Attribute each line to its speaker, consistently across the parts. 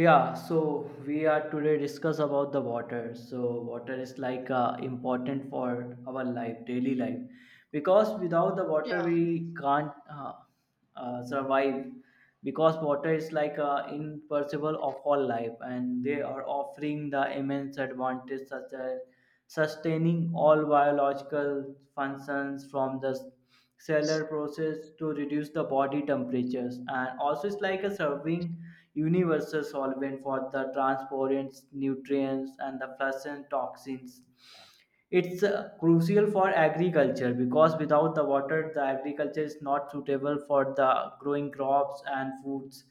Speaker 1: Yeah, so we are today discuss about the water. So water is like important for our life, daily life, because without the water
Speaker 2: Yeah,
Speaker 1: we can't survive. Because water is like impossible of all life, and they are offering the immense advantage such as sustaining all biological functions from the cellar process to reduce the body temperatures, and also it's like a serving universal solvent for the transportants nutrients and the fluorescent toxins. It's crucial for agriculture, because without the water the agriculture is not suitable for the growing crops and foods.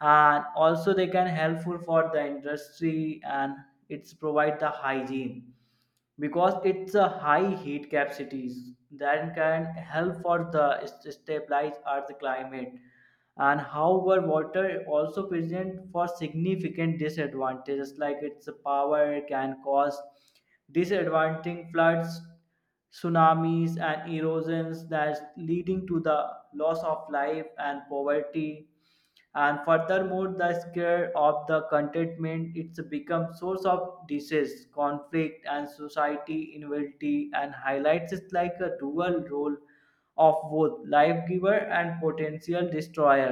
Speaker 1: And also they can helpful for the industry, and it's provide the hygiene because it's a high heat capacities that can help for the stabilize earth climate. And however, water also present for significant disadvantages. Like its power can cause disadvantaging floods, tsunamis, and erosions, that's leading to the loss of life and poverty. And furthermore, the scare of the contentment, it's become source of disease, conflict, and society inability, and highlights it like a dual role of both life giver and potential destroyer.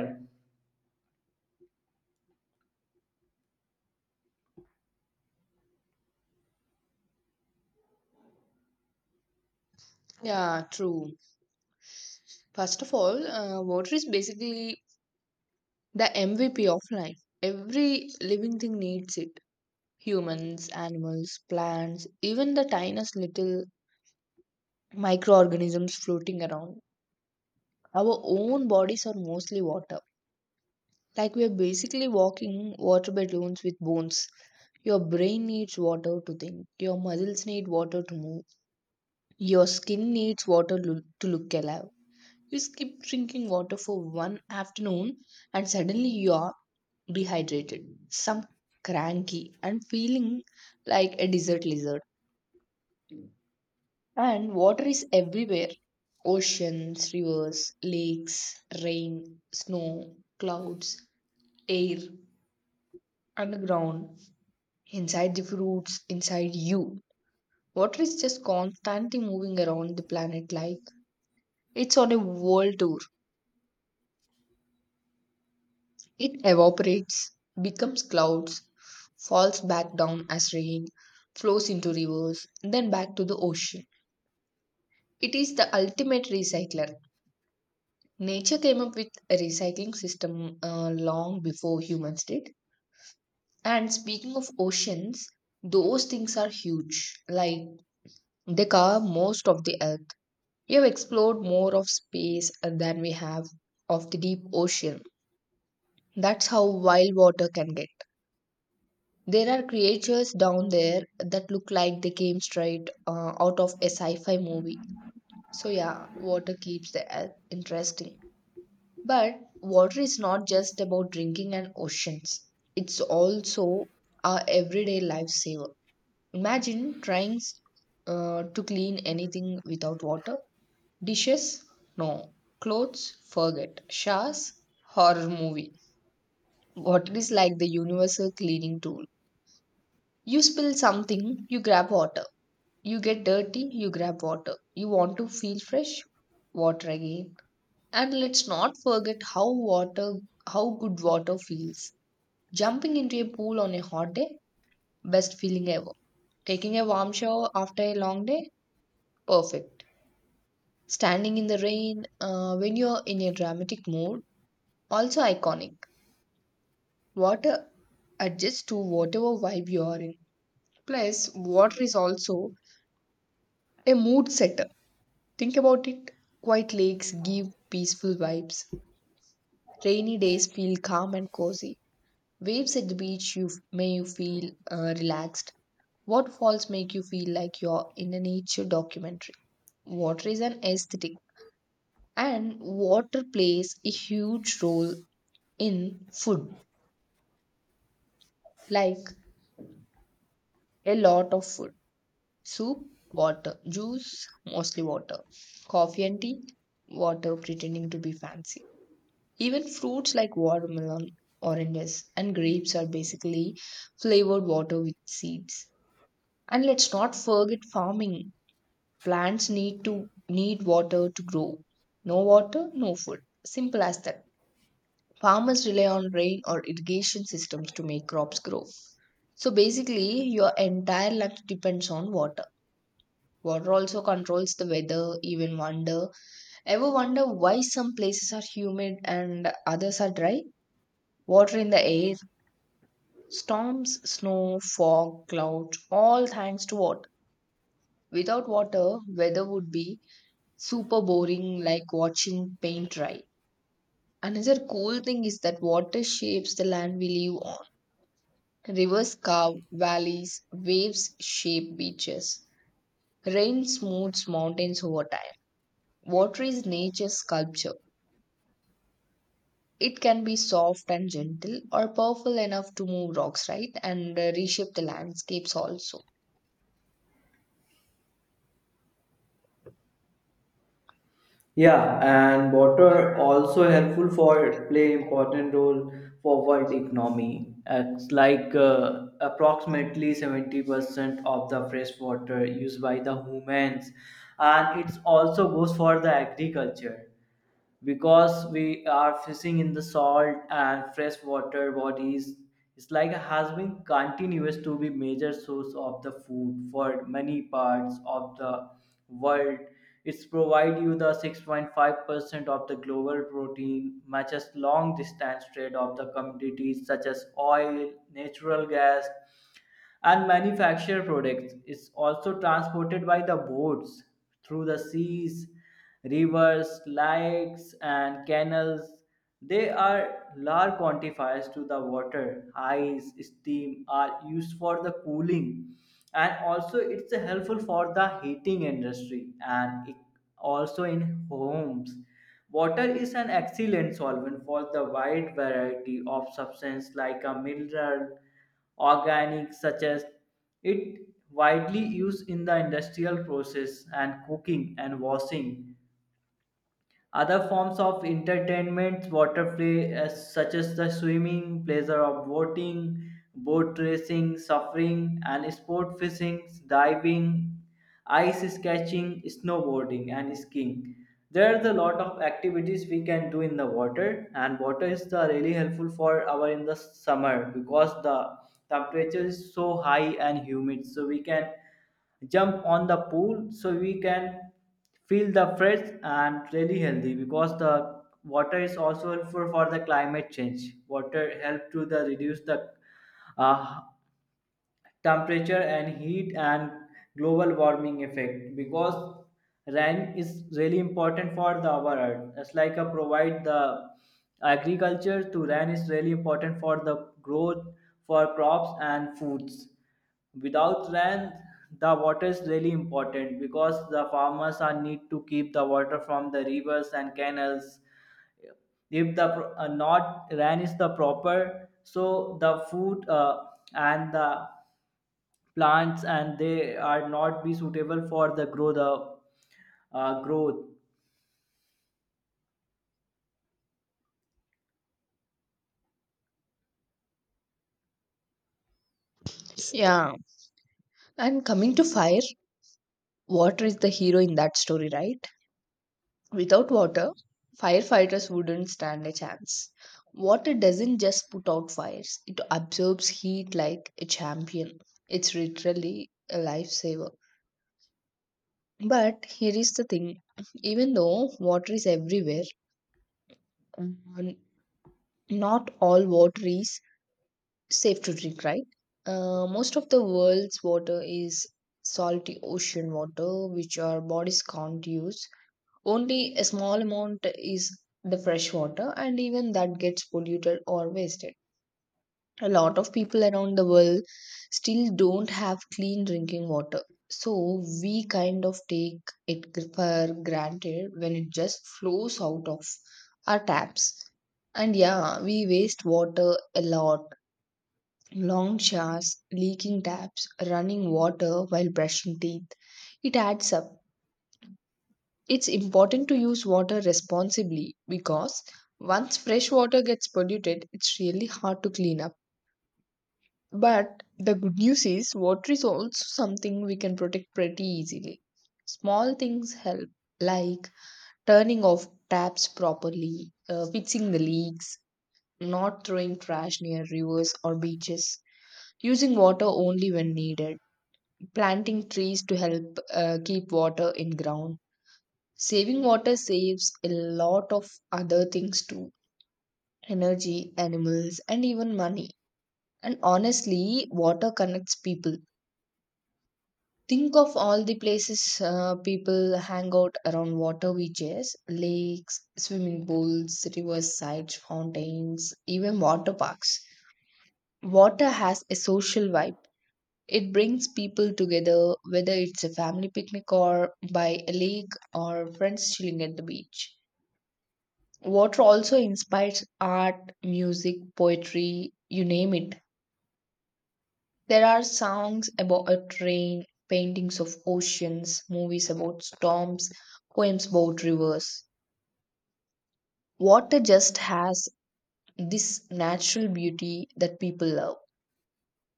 Speaker 2: yeah, true. First of all, water is basically the MVP of life. Every living thing needs it. Humans, animals, plants, even the tiniest little microorganisms floating around. Our own bodies are mostly water. Like we are basically walking water balloons with bones. Your brain needs water to think. Your muscles need water to move. Your skin needs water to look alive. You skip drinking water for one afternoon and suddenly you are dehydrated, some cranky, and feeling like a desert lizard. And water is everywhere, oceans, rivers, lakes, rain, snow, clouds, air, underground, inside the fruits, inside you. Water is just constantly moving around the planet like it's on a world tour. It evaporates, becomes clouds, falls back down as rain, flows into rivers, then back to the ocean. It is the ultimate recycler. Nature came up with a recycling system long before humans did. And speaking of oceans, those things are huge. Like they cover most of the earth. We have explored more of space than we have of the deep ocean. That's how wild water can get. There are creatures down there that look like they came straight out of a sci fi movie. So, yeah, water keeps the earth interesting. But water is not just about drinking and oceans, it's also our everyday lifesaver. Imagine trying to clean anything without water. Dishes? No. Clothes? Forget. Showers? Horror movie. Water is like the universal cleaning tool. You spill something, you grab water. You get dirty, you grab water. You want to feel fresh, water again. And let's not forget how water how good water feels. Jumping into a pool on a hot day, best feeling ever. Taking a warm shower after a long day, perfect. Standing in the rain when you're in a dramatic mood, also iconic. Water adjusts to whatever vibe you are in. Plus, water is also a mood setter. Think about it. Quiet lakes give peaceful vibes. Rainy days feel calm and cozy. Waves at the beach you f- may you feel relaxed. Waterfalls make you feel like you're in a nature documentary. Water is an aesthetic and water plays a huge role in food, like a lot of food. Soup, water, juice, mostly water. Coffee and tea, water pretending to be fancy. Even fruits like watermelon, oranges, and grapes are basically flavored water with seeds. And let's not forget farming. Plants need to need water to grow. No water, no food. Simple as that. Farmers rely on rain or irrigation systems to make crops grow. So basically, your entire life depends on water. Water also controls the weather, even wonder. Ever wonder why some places are humid and others are dry? Water in the air, storms, snow, fog, clouds, all thanks to water. Without water, weather would be super boring like watching paint dry. Another cool thing is that water shapes the land we live on. Rivers carve valleys, waves shape beaches. Rain smooths mountains over time. Water is nature's sculpture. It can be soft and gentle or powerful enough to move rocks, right? And reshape the landscapes also.
Speaker 1: Yeah, and water also helpful for play important role for world economy. It's like approximately 70% of the fresh water used by the humans, and it also goes for the agriculture, because we are fishing in the salt and freshwater bodies. It's like has been continuous to be major source of the food for many parts of the world. It's provide you the 6.5% of the global protein matches. Long distance trade of the commodities such as oil, natural gas, and manufactured products is also transported by the boats through the seas, rivers, lakes, and canals. They are large quantifiers to the water. Ice, steam are used for the cooling, and also it's helpful for the heating industry, and it also in homes. Water is an excellent solvent for the wide variety of substances like a mineral, organic, such as it widely used in the industrial process and cooking and washing. Other forms of entertainment, water play, as such as the swimming, pleasure of boating, boat racing, suffering, and sport fishing, diving, ice sketching, snowboarding, and skiing. There's a lot of activities we can do in the water, and water is the really helpful for our in the summer, because the temperature is so high and humid, so we can jump on the pool, so we can feel the fresh and really healthy, because the water is also helpful for the climate change. Water help to the reduce the uh, temperature and heat and global warming effect, because rain is really important for the our earth. It's like a provide the agriculture to rain is really important for the growth for crops and foods. Without rain, the water is really important because the farmers are need to keep the water from the rivers and canals. If the not rain is the proper, so the food and the plants, and they are not be suitable for the grow the growth.
Speaker 2: Yeah. And coming to fire, water is the hero in that story, right? Without water, firefighters wouldn't stand a chance. Water doesn't just put out fires, it absorbs heat like a champion. It's literally a lifesaver. But here is the thing even though water is everywhere, um, not all water is safe to drink, right? Most of the world's water is salty ocean water, which our bodies can't use. Only a small amount is the fresh water, and even that gets polluted or wasted. A lot of people around the world still don't have clean drinking water. So we kind of take it for granted when it just flows out of our taps. And yeah, we waste water a lot. Long showers, leaking taps, running water while brushing teeth. It adds up. It's important to use water responsibly because once fresh water gets polluted, it's really hard to clean up. But the good news is, water is also something we can protect pretty easily. Small things help, like turning off taps properly, fixing the leaks, not throwing trash near rivers or beaches, using water only when needed, planting trees to help keep water in ground Saving water saves a lot of other things too energy, animals, and even money. And honestly, water connects people. Think of all the places people hang out around water beaches, lakes, swimming pools, riversides, fountains, even water parks. Water has a social vibe. It brings people together, whether it's a family picnic or by a lake or friends chilling at the beach. Water also inspires art, music, poetry, you name it. There are songs about a train, paintings of oceans, movies about storms, poems about rivers. Water just has this natural beauty that people love.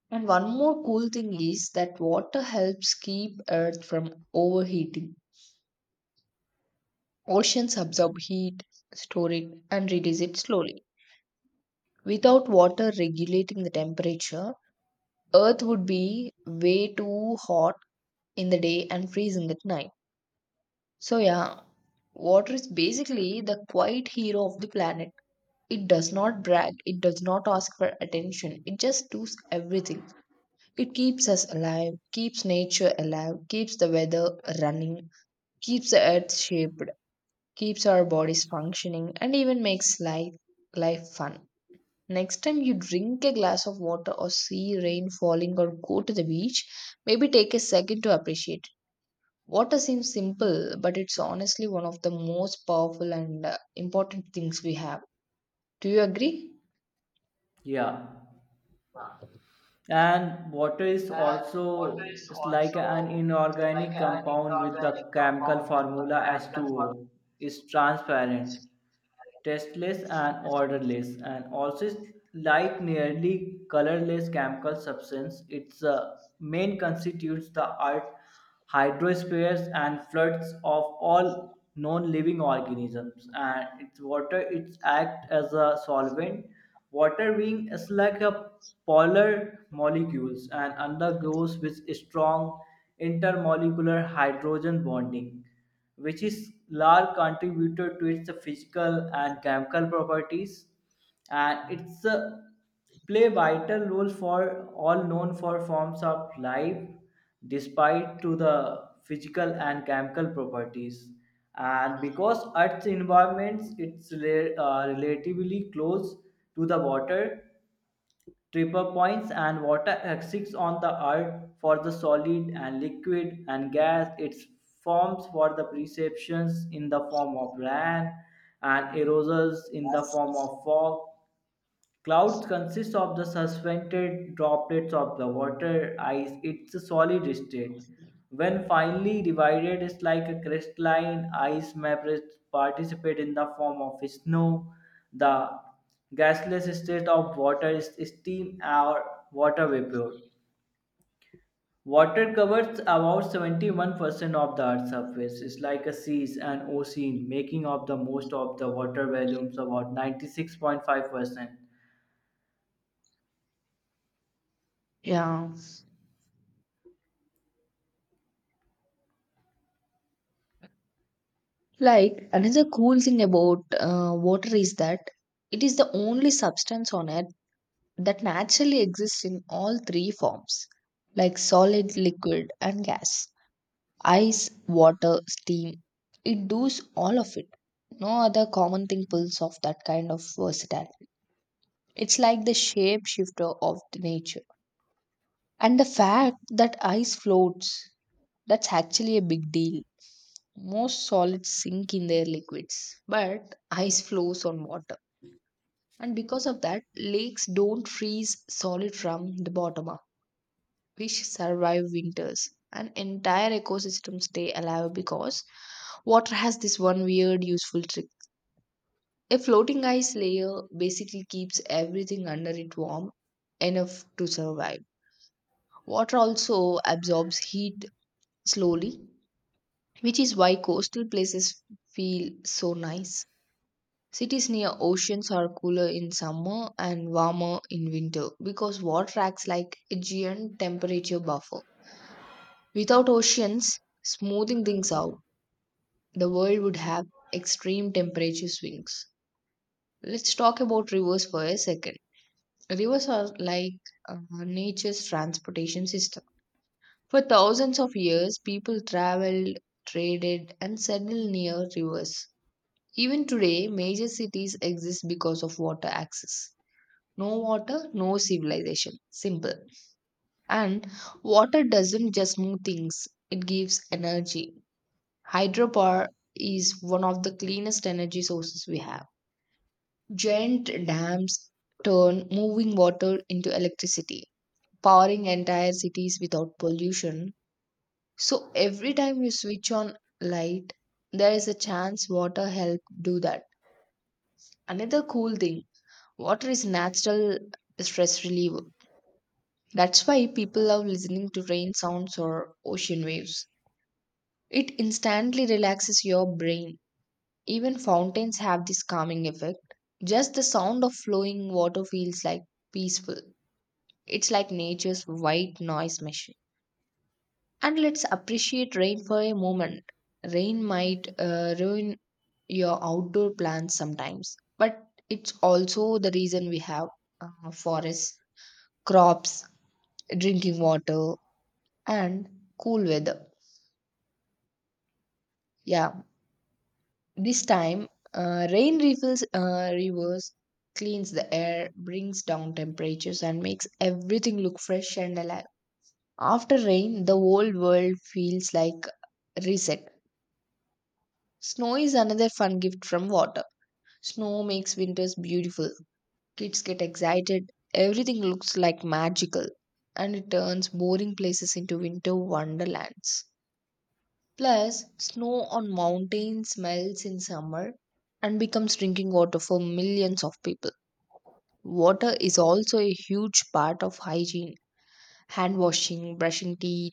Speaker 2: And one more cool thing is that water helps keep Earth from overheating. Oceans absorb heat, store it, and release it slowly. Without water regulating the temperature, Earth would be way too hot in the day and freezing at night. So, yeah, water is basically the quiet hero of the planet. It does not brag, it does not ask for attention, it just does everything. It keeps us alive, keeps nature alive, keeps the weather running, keeps the earth shaped, keeps our bodies functioning, and even makes life, life fun. Next time you drink a glass of water or see rain falling or go to the beach, maybe take a second to appreciate. It. Water seems simple, but it's honestly one of the most powerful and important things we have. Do you agree?
Speaker 1: Yeah, and water is also, it's like an inorganic compound with the chemical formula H2O. Is transparent, tasteless, and odorless, and also is like nearly colorless chemical substance. Its main constitutes the art hydrospheres and floods of all non-living organisms, and its water it acts as a solvent. Water being is like a polar molecules and undergoes with strong intermolecular hydrogen bonding, which is large contributor to its physical and chemical properties. And it's play vital role for all known for forms of life, despite to the physical and chemical properties. And because earth's environments, it's relatively close to the water tripper points, and water exists on the earth for the solid and liquid and gas. Its forms for the perceptions in the form of rain and erosions in the form of fog. Clouds consist of the suspended droplets of the water ice. It's a solid state. When finely divided, it's like a crystalline ice members participate in the form of snow. The gaseous state of water is steam or water vapor. Water covers about 71% of the Earth's surface. It's like a seas and ocean, making up the most of the water volumes, about 96.5%.
Speaker 2: Yeah. Like, another cool thing about water is that it is the only substance on earth that naturally exists in all three forms, like solid, liquid, and gas. Ice, water, steam. It does all of it. No other common thing pulls off that kind of versatility. It's like the shapeshifter of the nature. And the fact that ice floats, that's actually a big deal. Most solids sink in their liquids, but ice flows on water. And because of that, lakes don't freeze solid from the bottom up. Fish survive winters, and entire ecosystems stay alive because water has this one weird useful trick. A floating ice layer basically keeps everything under it warm enough to survive. Water also absorbs heat slowly, which is why coastal places feel so nice. Cities near oceans are cooler in summer and warmer in winter because water acts like a giant temperature buffer. Without oceans smoothing things out, the world would have extreme temperature swings. Let's talk about rivers for a second. Rivers are like nature's transportation system. For thousands of years, people traveled, traded, and settled near rivers. Even today, major cities exist because of water access. No water, no civilization. Simple. And water doesn't just move things, it gives energy. Hydropower is one of the cleanest energy sources we have. Giant dams turn moving water into electricity, powering entire cities without pollution. So every time you switch on light, there is a chance water help do that. Another cool thing, water is natural stress reliever. That's why people love listening to rain sounds or ocean waves. It instantly relaxes your brain Even fountains have this calming effect. Just the sound of flowing water feels like peaceful. It's like nature's white noise machine. And let's appreciate rain for a moment. Rain might ruin your outdoor plans sometimes, but it's also the reason we have forests, crops, drinking water, and cool weather. Yeah, This time, rain refills rivers, cleans the air, brings down temperatures, and makes everything look fresh and alive. After rain, the whole world feels like reset. Snow is another fun gift from water. Snow makes winters beautiful. Kids get excited. Everything looks like magical, and it turns boring places into winter wonderlands. Plus, snow on mountains melts in summer and becomes drinking water for millions of people. Water is also a huge part of hygiene hand washing, brushing teeth,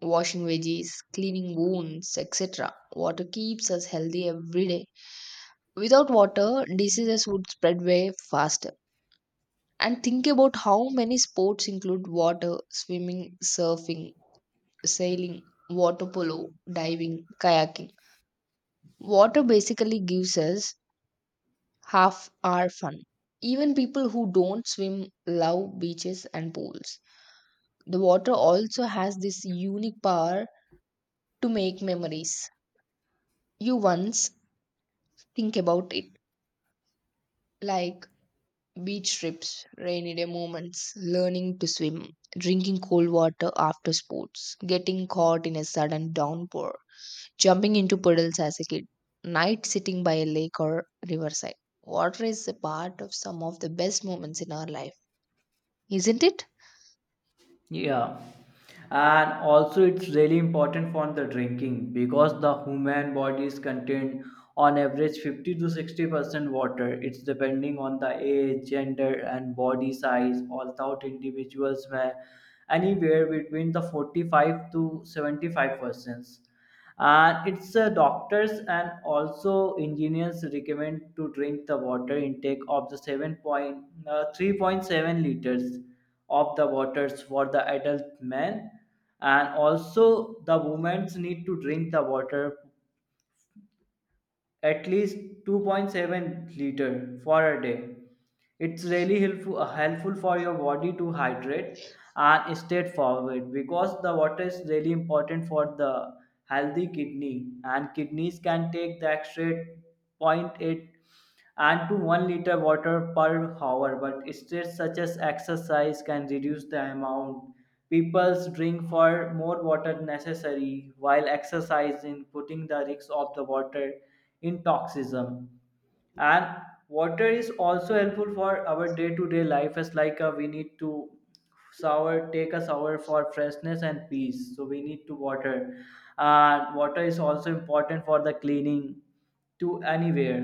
Speaker 2: washing veggies, cleaning wounds, etc. Water keeps us healthy every day. Without water, diseases would spread way faster. And think about how many sports include water swimming, surfing, sailing, water polo, diving, kayaking. Water basically gives us half are fun. Even people who don't swim love beaches and pools. The water also has this unique power to make memories. You once think about it like beach trips, rainy day moments, learning to swim, drinking cold water after sports, getting caught in a sudden downpour, jumping into puddles as a kid, night sitting by a lake or riverside. Water is a part of some of the best moments in our life, isn't it?
Speaker 1: Yeah. And also it's really important for the drinking, because the human body is contained on average 50 to 60% water. It's depending on the age, gender, and body size. Although individuals may anywhere between the 45 to 75%. And it's doctors and also engineers recommend to drink the water intake of the 3.7 liters of the waters for the adult men, and also the women need to drink the water at least 2.7 liter for a day. It's really helpful, helpful for your body to hydrate and stay forward, because the water is really important for the healthy kidney, and kidneys can take the extra point 0.8 and to 1 liter water per hour. But states such as exercise can reduce the amount. People's drink for more water necessary while exercising, putting the risk of the water in toxism. And water is also helpful for our day-to-day life, as like we need to shower, take a shower for freshness and peace, so we need to water. And water is also important for the cleaning to anywhere.